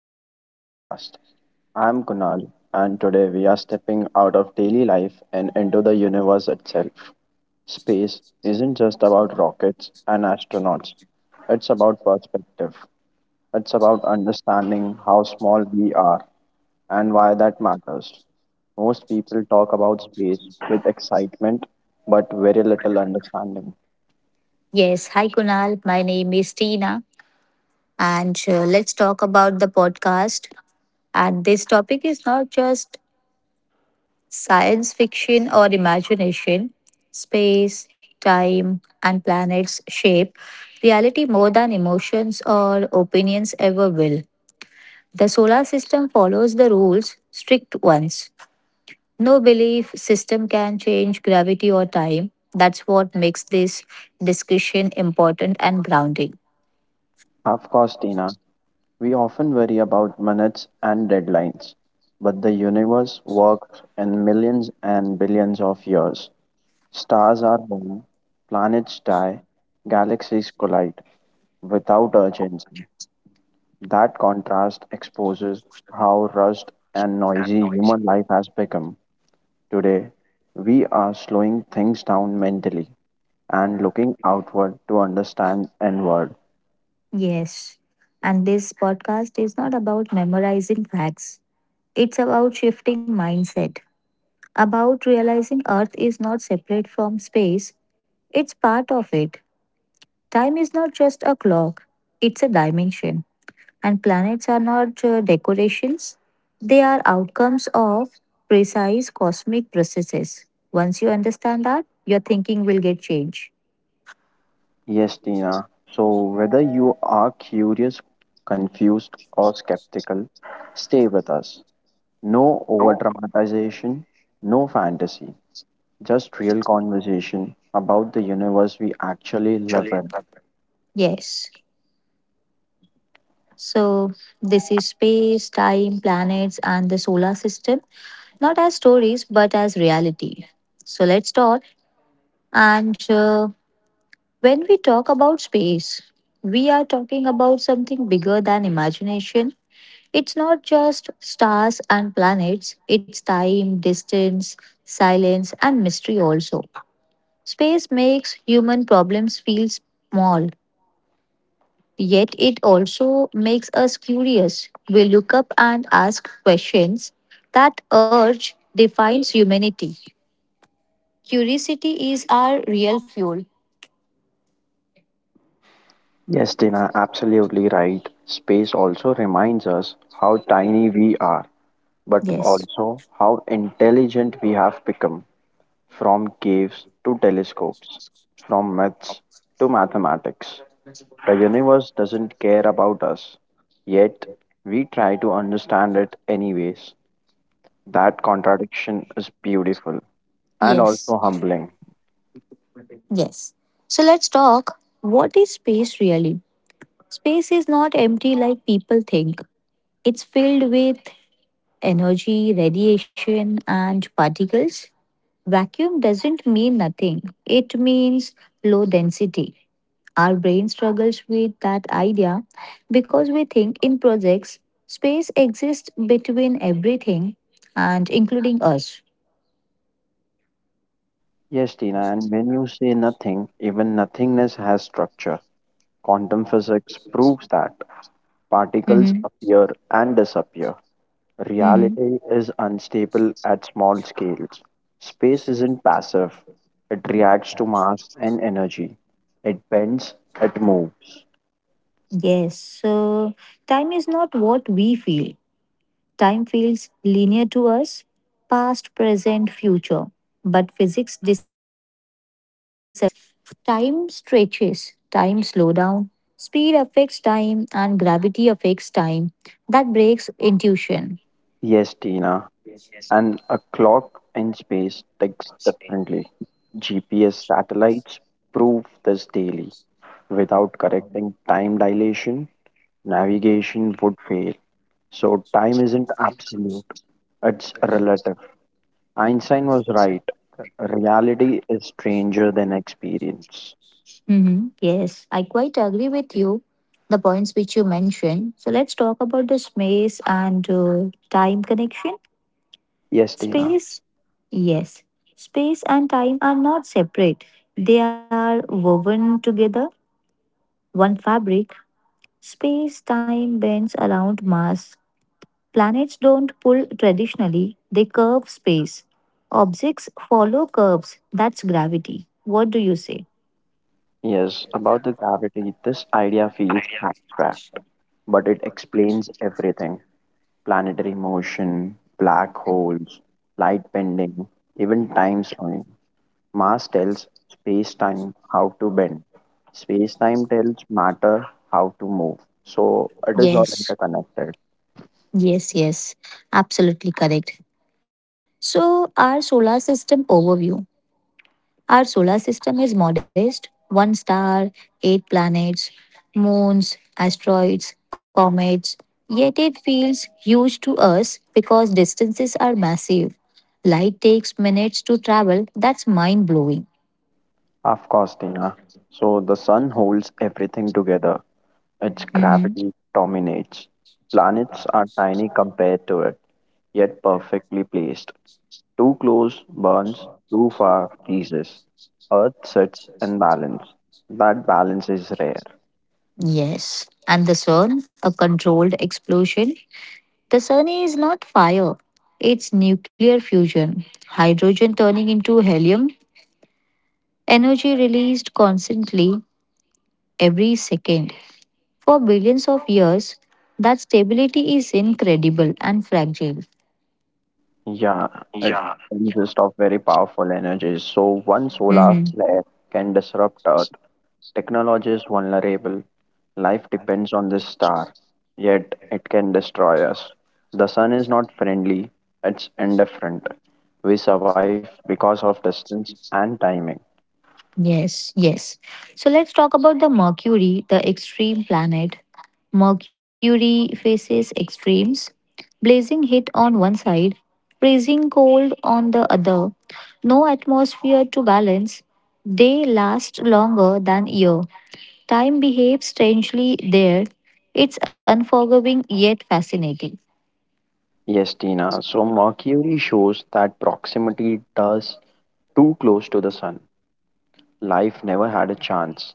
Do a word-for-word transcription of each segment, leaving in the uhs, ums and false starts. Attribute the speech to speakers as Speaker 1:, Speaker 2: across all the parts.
Speaker 1: welcome to the podcast. I'm Kunal and today we are stepping out of daily life and into the universe itself. Space isn't just about rockets and astronauts, it's about perspective. It's about understanding how small we are and why that matters. Most people talk about space with excitement but very little understanding.
Speaker 2: Yes, hi Kunal. My name is Tina, and uh, let's talk about the podcast. And this topic is not just science fiction or imagination, space, time, and planets shape reality more than emotions or opinions ever will. The solar system follows the rules, strict ones. No belief system can change gravity or time. That's what makes this discussion important and grounding.
Speaker 1: Of course, Tina, we often worry about minutes and deadlines, but the universe works in millions and billions of years. Stars are born, planets die, galaxies collide without urgency. That contrast exposes how rushed and noisy human life has become. Today, we are slowing things down mentally and looking outward to understand inward.
Speaker 2: Yes. And this podcast is not about memorizing facts. It's about shifting mindset, about realizing Earth is not separate from space, it's part of it. Time is not just a clock, it's a dimension. And planets are not uh, decorations, they are outcomes of precise cosmic processes. Once you understand that, your thinking will get changed.
Speaker 1: Yes, Tina. So, whether you are curious, confused, or skeptical, stay with us. No over dramatization, no fantasy, just real conversation about the universe we actually live in.
Speaker 2: Yes. So, this is space, time, planets, and the solar system, not as stories, but as reality. So, let's talk. And uh, when we talk about space, we are talking about something bigger than imagination. It's not just stars and planets, it's time, distance, silence, and mystery also. Space makes human problems feel small. Yet it also makes us curious. We look up and ask questions. That urge defines humanity. Curiosity is our real fuel.
Speaker 1: Yes, Tina, absolutely right. Space also reminds us how tiny we are, but
Speaker 2: Yes,
Speaker 1: also how intelligent we have become from caves to telescopes, from myths to mathematics. The universe doesn't care about us, yet we try to understand it anyways. That contradiction is beautiful and
Speaker 2: yes,
Speaker 1: also humbling.
Speaker 2: yes. So let's talk, what is space really? Space is not empty like people think, it's filled with energy, radiation, and particles. Vacuum doesn't mean nothing, it means low density. Our brain struggles with that idea because we think in projects, space exists between everything and including us.
Speaker 1: Yes, Tina, and when you say nothing, even nothingness has structure. Quantum physics proves that particles
Speaker 2: Mhm.
Speaker 1: appear and disappear.
Speaker 2: Mhm.
Speaker 1: Reality is unstable at small scales. Space isn't passive, it reacts to mass and energy. It bends, it moves.
Speaker 2: Yes, so time is not what we feel. Time feels linear to us, past, present, future. But physics disagrees. Time stretches, time slow down, speed affects time, and gravity affects time. That breaks intuition.
Speaker 1: Yes, Tina, and a clock in space ticks differently. G P S satellites prove this daily. Without correcting time dilation, navigation would fail. So, time isn't absolute, it's relative. Einstein was right. Reality is stranger than experience.
Speaker 2: Mhm. Yes, I quite agree with you, the points which you mentioned. So let's talk about the space and uh, time connection.
Speaker 1: Yes, Dina.
Speaker 2: Space, yes, space and time are not separate, they are woven together, one fabric, space time bends around mass. Planets don't pull traditionally, they curve space. Objects follow curves. That's gravity. What do you say?
Speaker 1: Yes, about the gravity, this idea feels abstract, but it explains everything. Planetary motion, black holes, light bending, even time slowing. Mass tells space time how to bend. Space time tells matter how to move. So it is all
Speaker 2: Yes,
Speaker 1: interconnected.
Speaker 2: yes, yes, absolutely correct. So, our solar system overview. Our solar system is modest, one star, eight planets, moons, asteroids, comets. Yet it feels huge to us because distances are massive. Light takes minutes to travel. That's mind blowing.
Speaker 1: Of course, Tina. So the sun holds everything together. Its
Speaker 2: Mhm.
Speaker 1: gravity dominates. Planets are tiny compared to it, yet perfectly placed. Too close burns, too far freezes. Earth sits in balance. That balance is rare.
Speaker 2: Yes. And the sun, a controlled explosion. The sun is not fire, it's nuclear fusion, hydrogen turning into helium, energy released constantly every second. For billions of years, that stability is incredible and fragile.
Speaker 1: Yeah, it consists of very powerful energies. So one solar
Speaker 2: Hmm.
Speaker 1: flare can disrupt Earth. Technology is vulnerable. Life depends on this star, yet it can destroy us. The sun is not friendly, it's indifferent. We survive because of distance and timing.
Speaker 2: Yes. Yes. So let's talk about the Mercury, the extreme planet. Mercury faces extremes, blazing heat on one side, freezing cold on the other, no atmosphere to balance. They last longer than year. Time behaves strangely there. It's unforgiving yet fascinating.
Speaker 1: Yes, Tina. So Mercury shows that proximity does too close to the sun. Life never had a chance.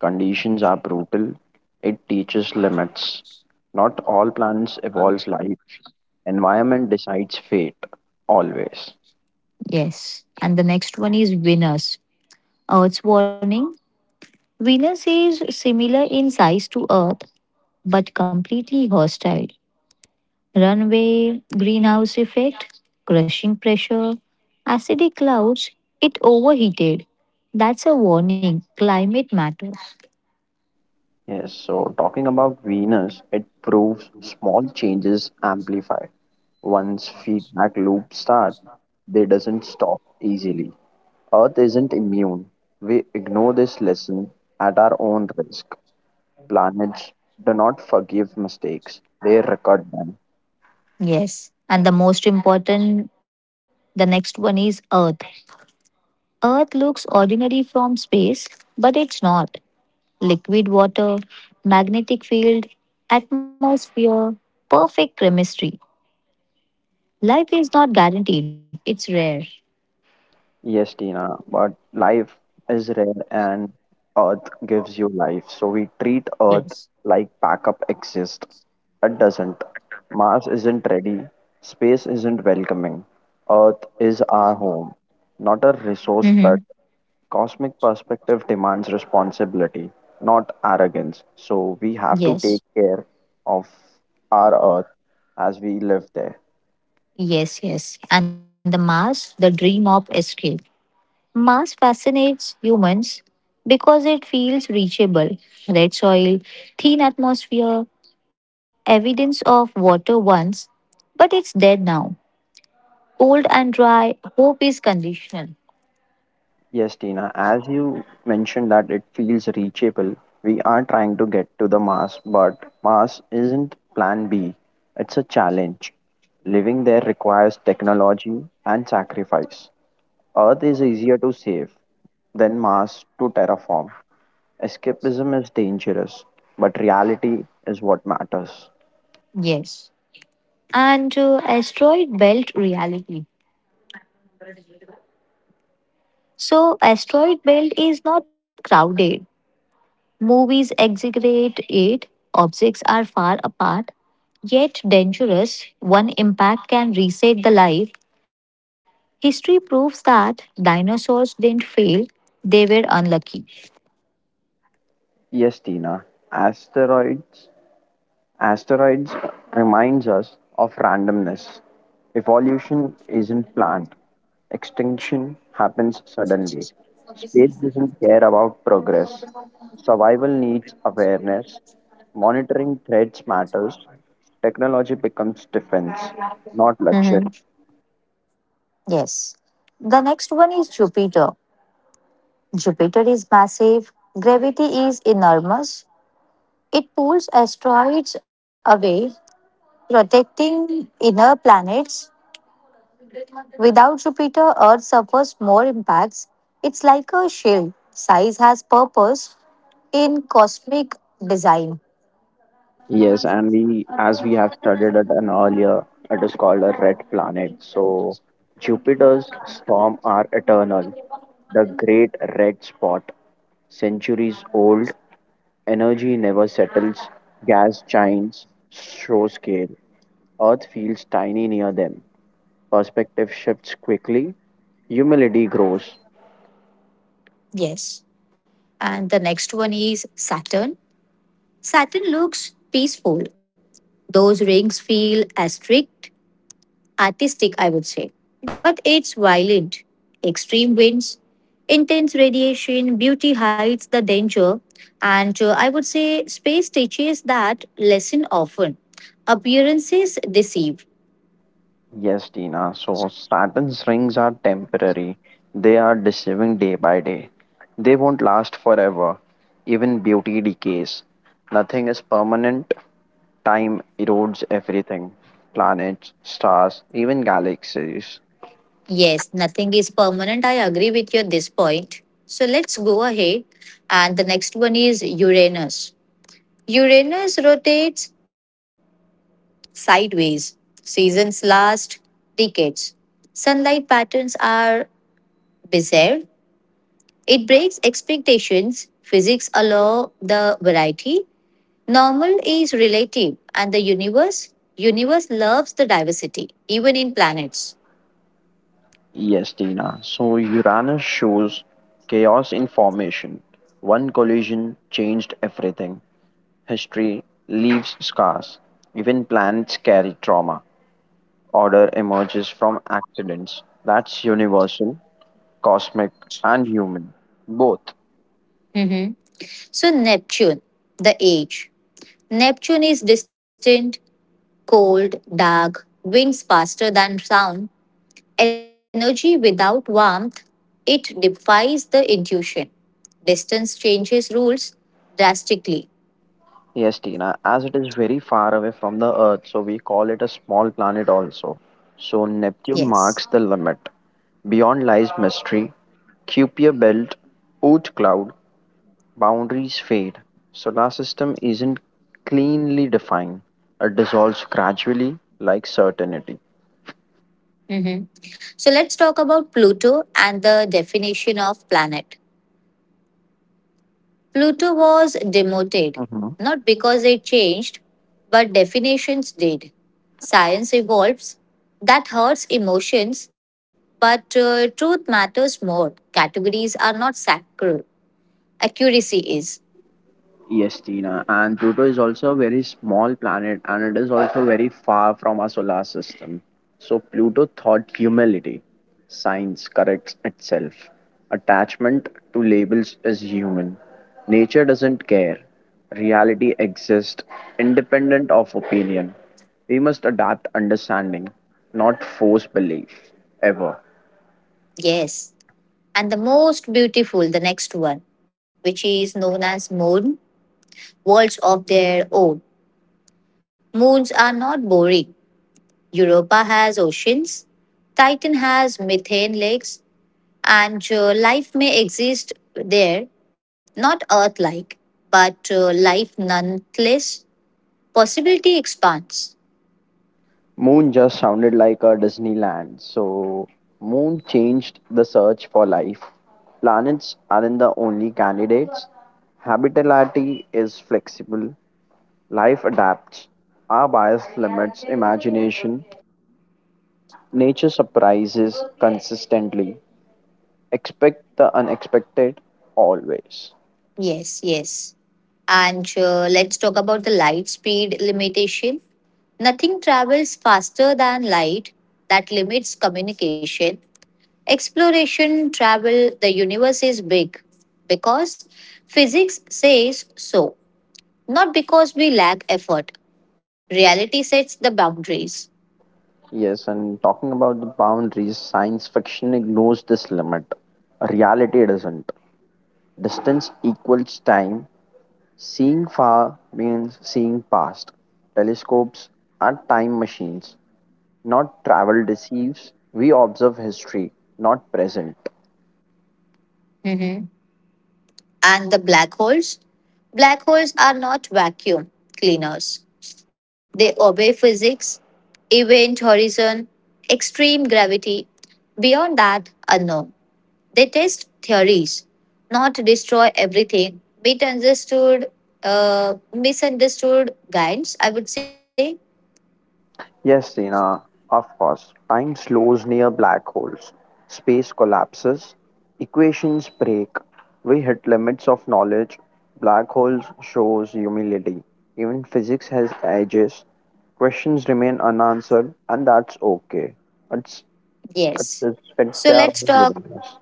Speaker 1: Conditions are brutal. It teaches limits. Not all plants evolve life. Environment decides fate, always.
Speaker 2: Yes. And the next one is Venus, Earth's warning. Venus is similar in size to Earth, but completely hostile. Runaway, greenhouse effect, crushing pressure, acidic clouds, it overheated. That's a warning. Climate matters.
Speaker 1: Yes, so talking about Venus, it proves small changes amplify. Once feedback loops start, they doesn't stop easily. Earth isn't immune. We ignore this lesson at our own risk. Planets do not forgive mistakes, they record them.
Speaker 2: Yes. And the most important, the next one is Earth. Earth looks ordinary from space, but it's not. Liquid water, magnetic field, atmosphere, perfect chemistry. Life is not guaranteed, it's rare.
Speaker 1: Yes, Tina, but life is rare and Earth gives you life. So we treat Earth
Speaker 2: Yes.
Speaker 1: like backup exists. It doesn't. Mars isn't ready. Space isn't welcoming. Earth is our home, not a resource but
Speaker 2: Mm-hmm.
Speaker 1: cosmic perspective demands responsibility, not arrogance. So we have to take
Speaker 2: Yes.
Speaker 1: care of our Earth as we live there.
Speaker 2: Yes, yes. And the Mars, the dream of escape. Mars fascinates humans because it feels reachable. Red soil, thin atmosphere, evidence of water once, but it's dead now. Cold and dry, hope is conditional.
Speaker 1: Yes, Tina, as you mentioned that it feels reachable, we are trying to get to the Mars, but Mars isn't plan B. It's a challenge. Living there requires technology and sacrifice. Earth is easier to save than Mars to terraform. Escapism is dangerous, but reality is what matters.
Speaker 2: Yes. And uh, asteroid belt reality. So, asteroid belt is not crowded. Movies exaggerate it. Objects are far apart, yet dangerous. One impact can reset the life. History proves that dinosaurs didn't fail; they were unlucky.
Speaker 1: Yes, Tina, asteroids Asteroids reminds us of randomness. Evolution isn't planned. Extinction happens suddenly. Space doesn't care about progress. Survival needs awareness. Monitoring threats matters. Technology becomes defense, not luxury.
Speaker 2: Mhm. Yes. The next one is Jupiter. Jupiter is massive. Gravity is enormous. It pulls asteroids away, protecting inner planets. Without Jupiter, Earth suffers more impacts. It's like a shield. Size has purpose in cosmic design.
Speaker 1: Yes, and we, as we have studied at an earlier, it is called a red planet. So Jupiter's storm are eternal, the great red spot. Centuries old, energy never settles, gas giants show scale, Earth feels tiny near them. Perspective shifts quickly, humility grows.
Speaker 2: Yes. And the next one is Saturn. Saturn looks peaceful. Those rings feel asterisk artistic, I would say. But it's violent. Extreme winds, intense radiation, beauty hides the danger. And uh, I would say space teaches that lesson often. Appearances deceive.
Speaker 1: Yes, Tina. So Saturn's rings are temporary. They are deceiving day by day. They won't last forever. Even beauty decays. Nothing is permanent. Time erodes everything planets, stars, even galaxies.
Speaker 2: Yes, nothing is permanent. I agree with you at this point. So let's go ahead. And the next one is Uranus. Uranus rotates sideways. Seasons last decades. Sunlight patterns are bizarre. It breaks expectations. Physics allows the variety. Normal is relative, and the universe, universe loves the diversity, even in planets.
Speaker 1: Yes, Tina. So Uranus shows chaos in formation. One collision changed everything. History leaves scars. Even planets carry trauma. Order emerges from accidents. That's universal, cosmic, and human. Both.
Speaker 2: Mhm. So Neptune, the age. Neptune is distant, cold, dark, winds faster than sound, energy without warmth. It defies the intuition. Distance changes rules drastically.
Speaker 1: Yes, Tina. As it is very far away from the Earth, so we call it a small planet also. So Neptune
Speaker 2: Yes.
Speaker 1: marks the limit. Beyond lies mystery, Kuiper belt, Oort cloud, boundaries fade. Solar system isn't cleanly defined. It dissolves gradually like certainty.
Speaker 2: Hmm. So let's talk about Pluto and the definition of planet. Pluto was demoted,
Speaker 1: Mhm.
Speaker 2: not because it changed, but definitions did. Science evolves. That hurts emotions, but uh, truth matters more. Categories are not sacral, accuracy is.
Speaker 1: Yes, Tina. And Pluto is also a very small planet and it is also very far from our solar system. So Pluto taught humility. Science corrects itself. Attachment to labels is human. Nature doesn't care. Reality exists independent of opinion. We must adapt understanding, not force belief, ever.
Speaker 2: Yes. And the most beautiful, the next one, which is known as moon, worlds of their own. Moons are not boring, Europa has oceans, Titan has methane lakes, and uh, life may exist there, not Earth like, but uh, life nonetheless. Possibility expands.
Speaker 1: Moon just sounded like a Disneyland. So, Moon changed the search for life. Planets aren't the only candidates. Habitability is flexible, life adapts, our bias limits imagination, nature surprises consistently. Expect the unexpected always.
Speaker 2: Yes, yes. And uh, let's talk about the light speed limitation. Nothing travels faster than light, that limits communication. Exploration, travel, the universe is big because physics says so. Not because we lack effort. Reality sets the boundaries.
Speaker 1: Yes, and talking about the boundaries, science fiction ignores this limit. Reality doesn't. Distance equals time, seeing far means seeing past. Telescopes are time machines, not travel deceives. We observe history, not present.
Speaker 2: Hmm. And the black holes? Black holes are not vacuum cleaners. They obey physics, event horizon, extreme gravity. Beyond that, unknown. They test theories, not destroy everything. Misunderstood, uh, misunderstood guidance, I would say.
Speaker 1: Yes, Sina, of course. Time slows near black holes. Space collapses. Equations break. We hit limits of knowledge. Black holes shows humility. Even physics has edges. Questions remain unanswered, and that's okay. It's it's,
Speaker 2: Yes.
Speaker 1: it's, it's
Speaker 2: So
Speaker 1: their
Speaker 2: let's
Speaker 1: own
Speaker 2: talk
Speaker 1: willingness.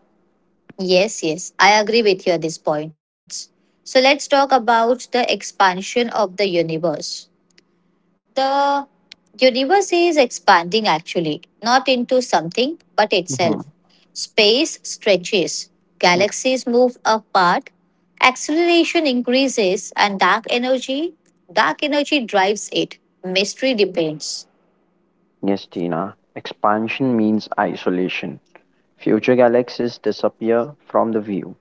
Speaker 2: Yes, yes, I agree with you at these points. So let's talk about the expansion of the universe. The universe is expanding actually, not into something but itself. Space stretches,
Speaker 1: Mm.
Speaker 2: galaxies move apart, acceleration increases, and dark energy, dark energy drives it. Mystery depends.
Speaker 1: Yes, Tina. Expansion means isolation. Future galaxies disappear from the view.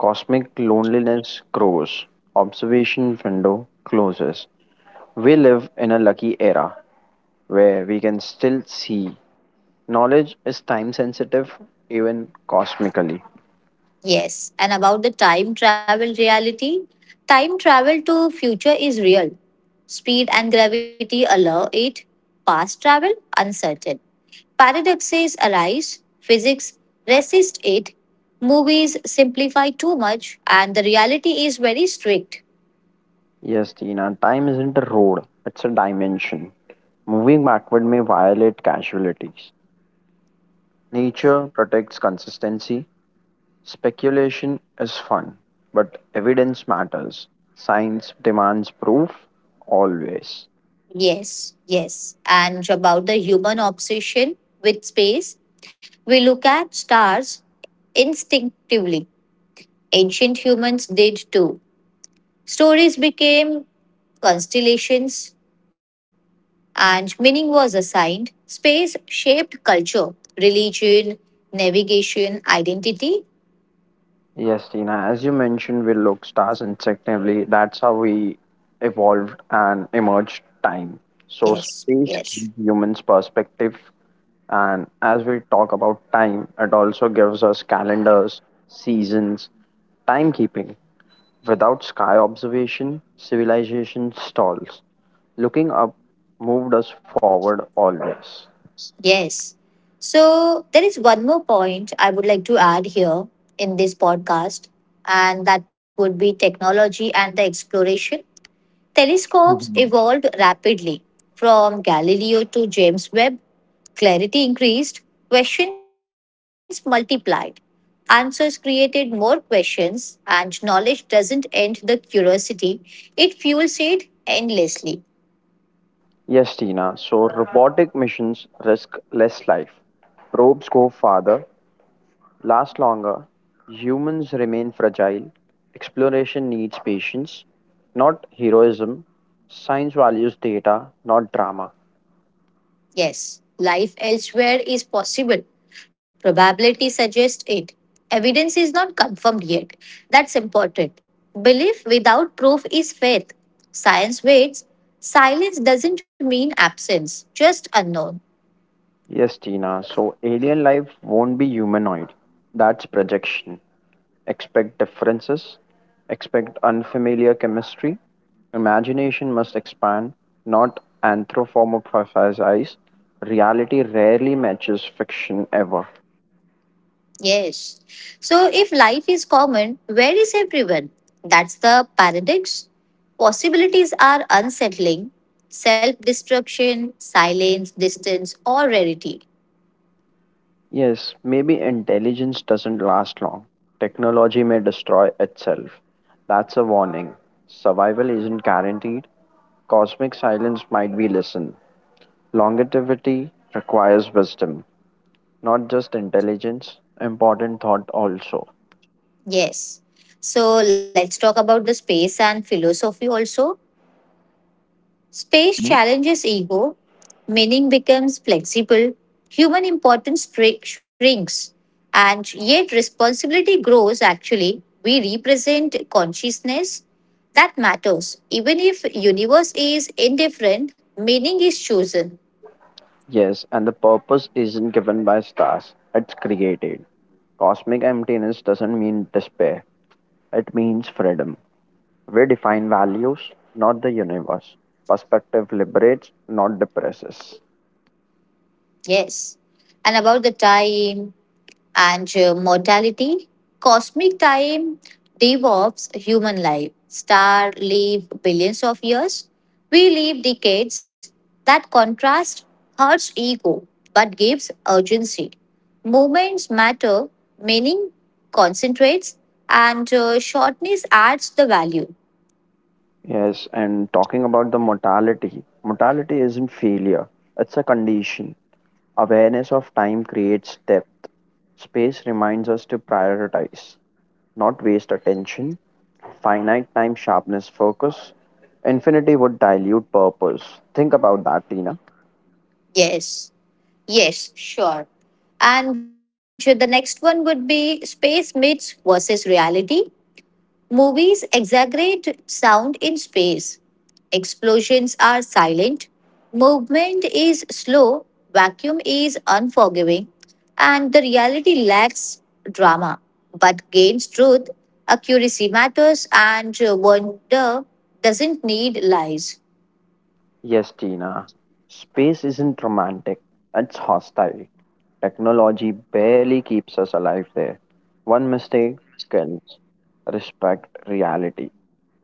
Speaker 1: Cosmic loneliness grows. Observation window closes. We live in a lucky era where we can still see. Knowledge is time sensitive, even cosmically.
Speaker 2: Yes, and about the time travel reality, time travel to future is real. Speed and gravity allow it. Past travel, uncertain. Paradoxes arise, physics resists it. Movies simplify too much, and the reality is very strict.
Speaker 1: Yes, Tina. Time isn't a road, it's a dimension. Moving backward may violate casualties. Nature protects consistency, speculation is fun, but evidence matters. Science demands proof always.
Speaker 2: Yes, yes. And about the human obsession with space, we look at stars instinctively. Ancient humans did too. Stories became constellations, and meaning was assigned. Space shaped culture, religion, navigation, identity.
Speaker 1: Yes, Tina, as you mentioned, we look stars instinctively. That's how we evolved and emerged time. So
Speaker 2: Yes,
Speaker 1: space gives
Speaker 2: yes,
Speaker 1: humans perspective, and as we talk about time, it also gives us calendars, seasons, timekeeping. Without sky observation, civilization stalls. Looking up moved us forward always.
Speaker 2: yes. So, there is one more point I would like to add here in this podcast, and that would be technology and the exploration. Telescopes
Speaker 1: Mhm.
Speaker 2: evolved rapidly. From Galileo to James Webb, clarity increased, questions multiplied, answers created more questions, and knowledge doesn't end the curiosity, it fuels it endlessly.
Speaker 1: Yes, Tina. So robotic missions risk less life. Probes go farther, last longer, humans remain fragile, exploration needs patience, not heroism. Science values data, not drama.
Speaker 2: Yes, life elsewhere is possible. Probability suggests it. Evidence is not confirmed yet. That's important. Belief without proof is faith. Science waits. Silence doesn't mean absence, just unknown.
Speaker 1: Yes, Tina. So alien life won't be humanoid. That's projection. Expect differences, expect unfamiliar chemistry. Imagination must expand, not anthropomorphize. Reality rarely matches fiction ever.
Speaker 2: Yes. So if life is common, where is everyone? That's the paradox. Possibilities are unsettling. Self destruction, silence, distance, or rarity.
Speaker 1: Yes, maybe intelligence doesn't last long. Technology may destroy itself. That's a warning. Survival isn't guaranteed. Cosmic silence might be listened. Longevity requires wisdom, not just intelligence. Important thought also.
Speaker 2: Yes. So let's talk about the space and philosophy also. Space challenges ego, meaning becomes flexible, human importance shri- shrinks, and yet responsibility grows actually. We represent consciousness that matters. Even if universe is indifferent, meaning is chosen.
Speaker 1: Yes, and the purpose isn't given by stars, it's created. Cosmic emptiness doesn't mean despair, it means freedom. We define values, not the universe. Perspective liberates, not depresses.
Speaker 2: Yes. And about the time, and uh, mortality. Cosmic time devolves human life. Stars live billions of years. We live decades. That contrast hurts ego but gives urgency. Moments matter, meaning concentrates, and uh, shortness adds the value.
Speaker 1: Yes, and talking about the mortality, mortality isn't failure, it's a condition. Awareness of time creates depth. Space reminds us to prioritize, not waste attention. Finite time sharpness focus. Infinity would dilute purpose. Think about that, Tina.
Speaker 2: Yes, yes, sure. And uh, the next one would be space myths versus reality. Movies exaggerate sound in space. Explosions are silent. Movement is slow. Vacuum is unforgiving. And the reality lacks drama but gains truth. Accuracy matters, and wonder doesn't need lies.
Speaker 1: Yes, Tina. Space isn't romantic, it's hostile. Technology barely keeps us alive there. One mistake kills. Respect reality.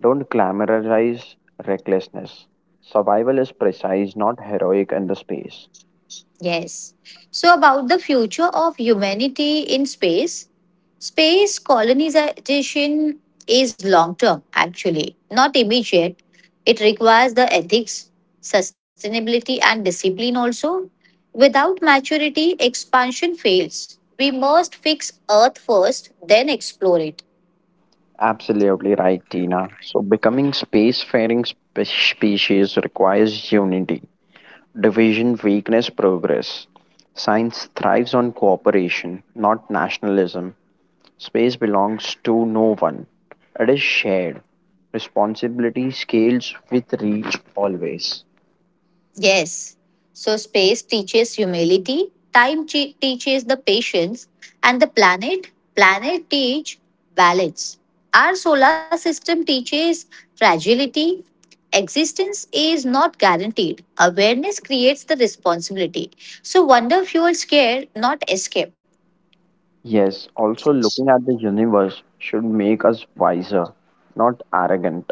Speaker 1: Don't glamorize recklessness. Survival is precise, not heroic in the space.
Speaker 2: Yes. So, about the future of humanity in space, space colonization is long term, actually, not immediate. It requires the ethics, sustainability, and discipline also. Without maturity, expansion fails. We must fix Earth first, then explore it.
Speaker 1: Absolutely right, Tina. So, becoming spacefaring spe- species requires unity. Division, weakness, progress. Science thrives on cooperation, not nationalism. Space belongs to no one, it is shared. Responsibility scales with reach always.
Speaker 2: Yes. So space teaches humility, time che- teaches the patience, and the planet, planet teach balance. Our solar system teaches fragility. Existence is not guaranteed. Awareness creates the responsibility. So wonder fuels care, not escape.
Speaker 1: Yes, also looking at the universe should make us wiser, not arrogant,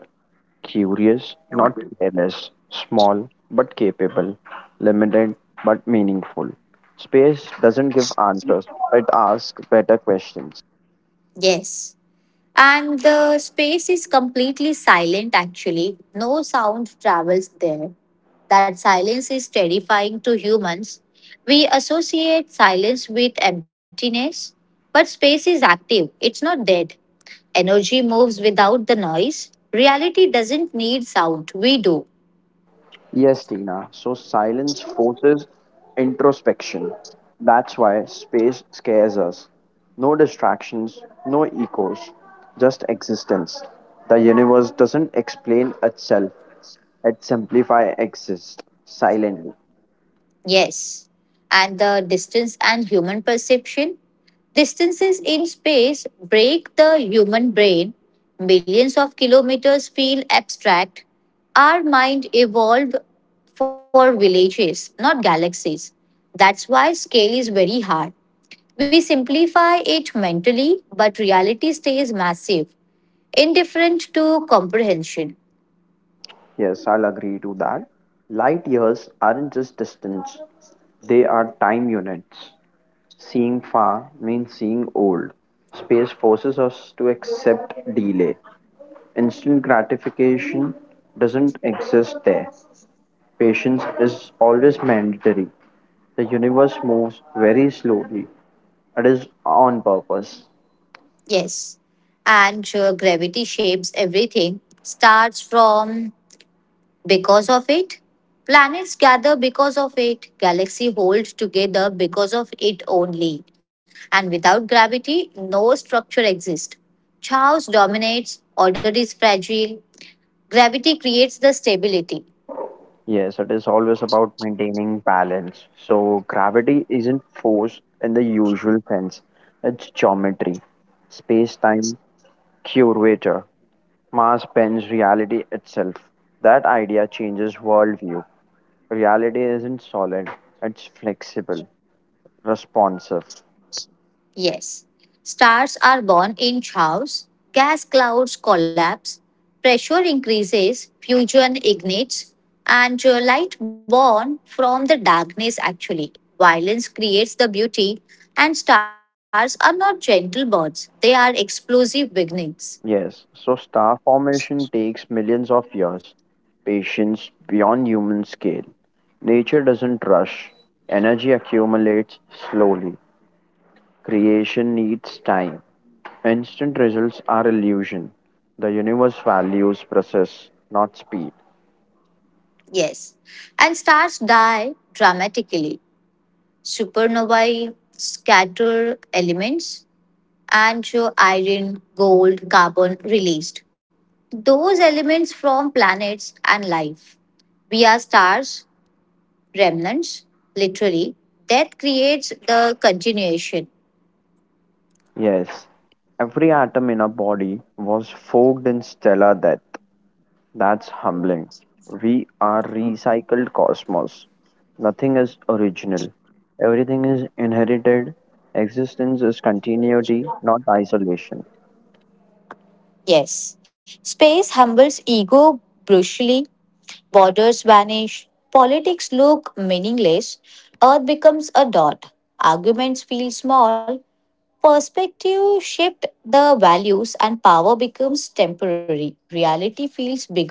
Speaker 1: curious, not careless, small but capable, limited but meaningful. Space doesn't give answers, it asks better questions.
Speaker 2: Yes. And the space is completely silent actually. No sound travels there. That silence is terrifying to humans. We associate silence with emptiness, but space is active, it's not dead. Energy moves without the noise. Reality doesn't need sound, we do.
Speaker 1: Yes, Tina. So silence forces introspection. That's why space scares us. No distractions, no echoes, just existence. The universe doesn't explain itself, it simplifies exist silently.
Speaker 2: Yes. And the distance and human perception. Distances in space break the human brain. Millions of kilometers feel abstract. Our mind evolved for villages, not galaxies. That's why scale is very hard. We simplify it mentally, but reality stays massive, indifferent to comprehension.
Speaker 1: Yes, I'll agree to that. Light years aren't just distance, they are time units. Seeing far means seeing old. Space forces us to accept delay. Instant gratification doesn't exist there. Patience is always mandatory. The universe moves very slowly. It is on purpose.
Speaker 2: Yes. And uh, gravity shapes everything. Starts from because of it. Planets gather because of it. Galaxies hold together because of it only. And without gravity, no structure exists. Chaos dominates, order is fragile. Gravity creates the stability.
Speaker 1: Yes, it is always about maintaining balance. So, gravity isn't force in the usual sense, it's geometry, space time curator. Mass bends reality itself. That idea changes worldview. Reality isn't solid, it's flexible, responsive.
Speaker 2: Yes, stars are born in showers, gas clouds collapse, pressure increases, fusion ignites, and uh, light born from the darkness actually. Violence creates the beauty, and stars are not gentle birds, they are explosive beginnings.
Speaker 1: Yes, so star formation takes millions of years, patience beyond human scale. Nature doesn't rush, energy accumulates slowly. Creation needs time. Instant results are illusion. The universe values process, not speed.
Speaker 2: Yes, and stars die dramatically. Supernovae scatter elements, and uh, iron, gold, carbon released. Those elements from planets and life. We are stars, remnants, literally. That creates the continuation.
Speaker 1: Yes, every atom in our body was forged in stellar death. That's humbling. We are recycled cosmos. Nothing is original. Everything is inherited. Existence is continuity, not isolation.
Speaker 2: Yes. Space humbles ego brutally, borders vanish, politics look meaningless, Earth becomes a dot, arguments feel small, perspective shift the values and power becomes temporary. Reality feels bigger.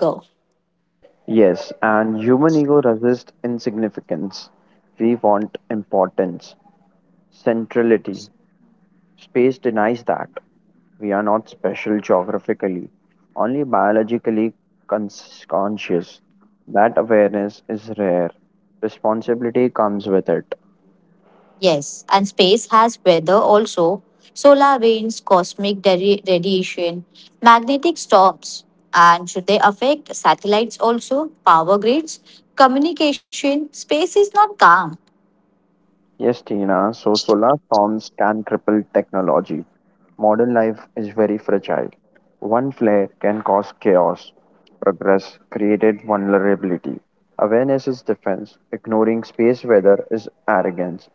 Speaker 1: Yes, and human ego resists insignificance. We want importance, centrality. Space denies that. We are not special geographically, only biologically cons- conscious. That awareness is rare. Responsibility comes with it.
Speaker 2: Yes, and space has weather also. Solar winds, cosmic dari- radiation, magnetic storms. And should they affect satellites also, power grids, communication? Space is not calm.
Speaker 1: Yes, Tina, so solar storms can cripple technology. Modern life is very fragile. One flare can cause chaos, progress created vulnerability. Awareness is defense, ignoring space weather is arrogance.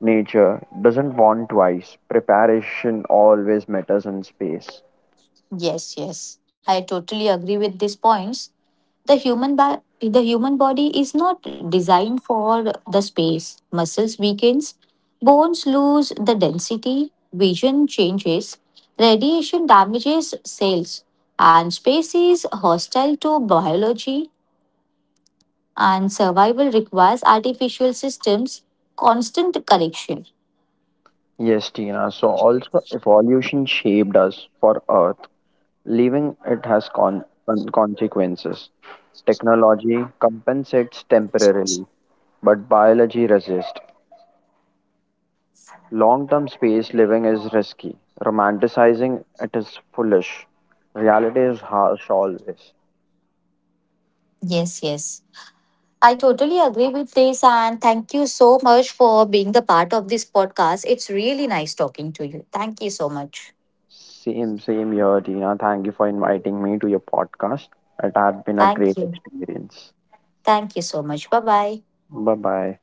Speaker 1: Nature doesn't want twice, preparation always matters in space.
Speaker 2: Yes, yes. I totally agree with these points. The human ba- the human body is not designed for the space. Muscles weakens, bones lose the density, vision changes, radiation damages cells, and space is hostile to biology and survival requires artificial systems constant correction.
Speaker 1: Yes, Tina, so also evolution shaped us for Earth. Leaving it has con- con- consequences. Technology compensates temporarily, but biology resists. Long term space living is risky. Romanticizing it is foolish. Reality is harsh always.
Speaker 2: Yes, yes. I totally agree with this, and thank you so much for being the part of this podcast. It's really nice talking to you. Thank you so much.
Speaker 1: Same, same here, Tina. Thank you for inviting me to your podcast. It had been a
Speaker 2: Thank
Speaker 1: great
Speaker 2: you.
Speaker 1: experience.
Speaker 2: Thank you so much. Bye bye.
Speaker 1: Bye bye.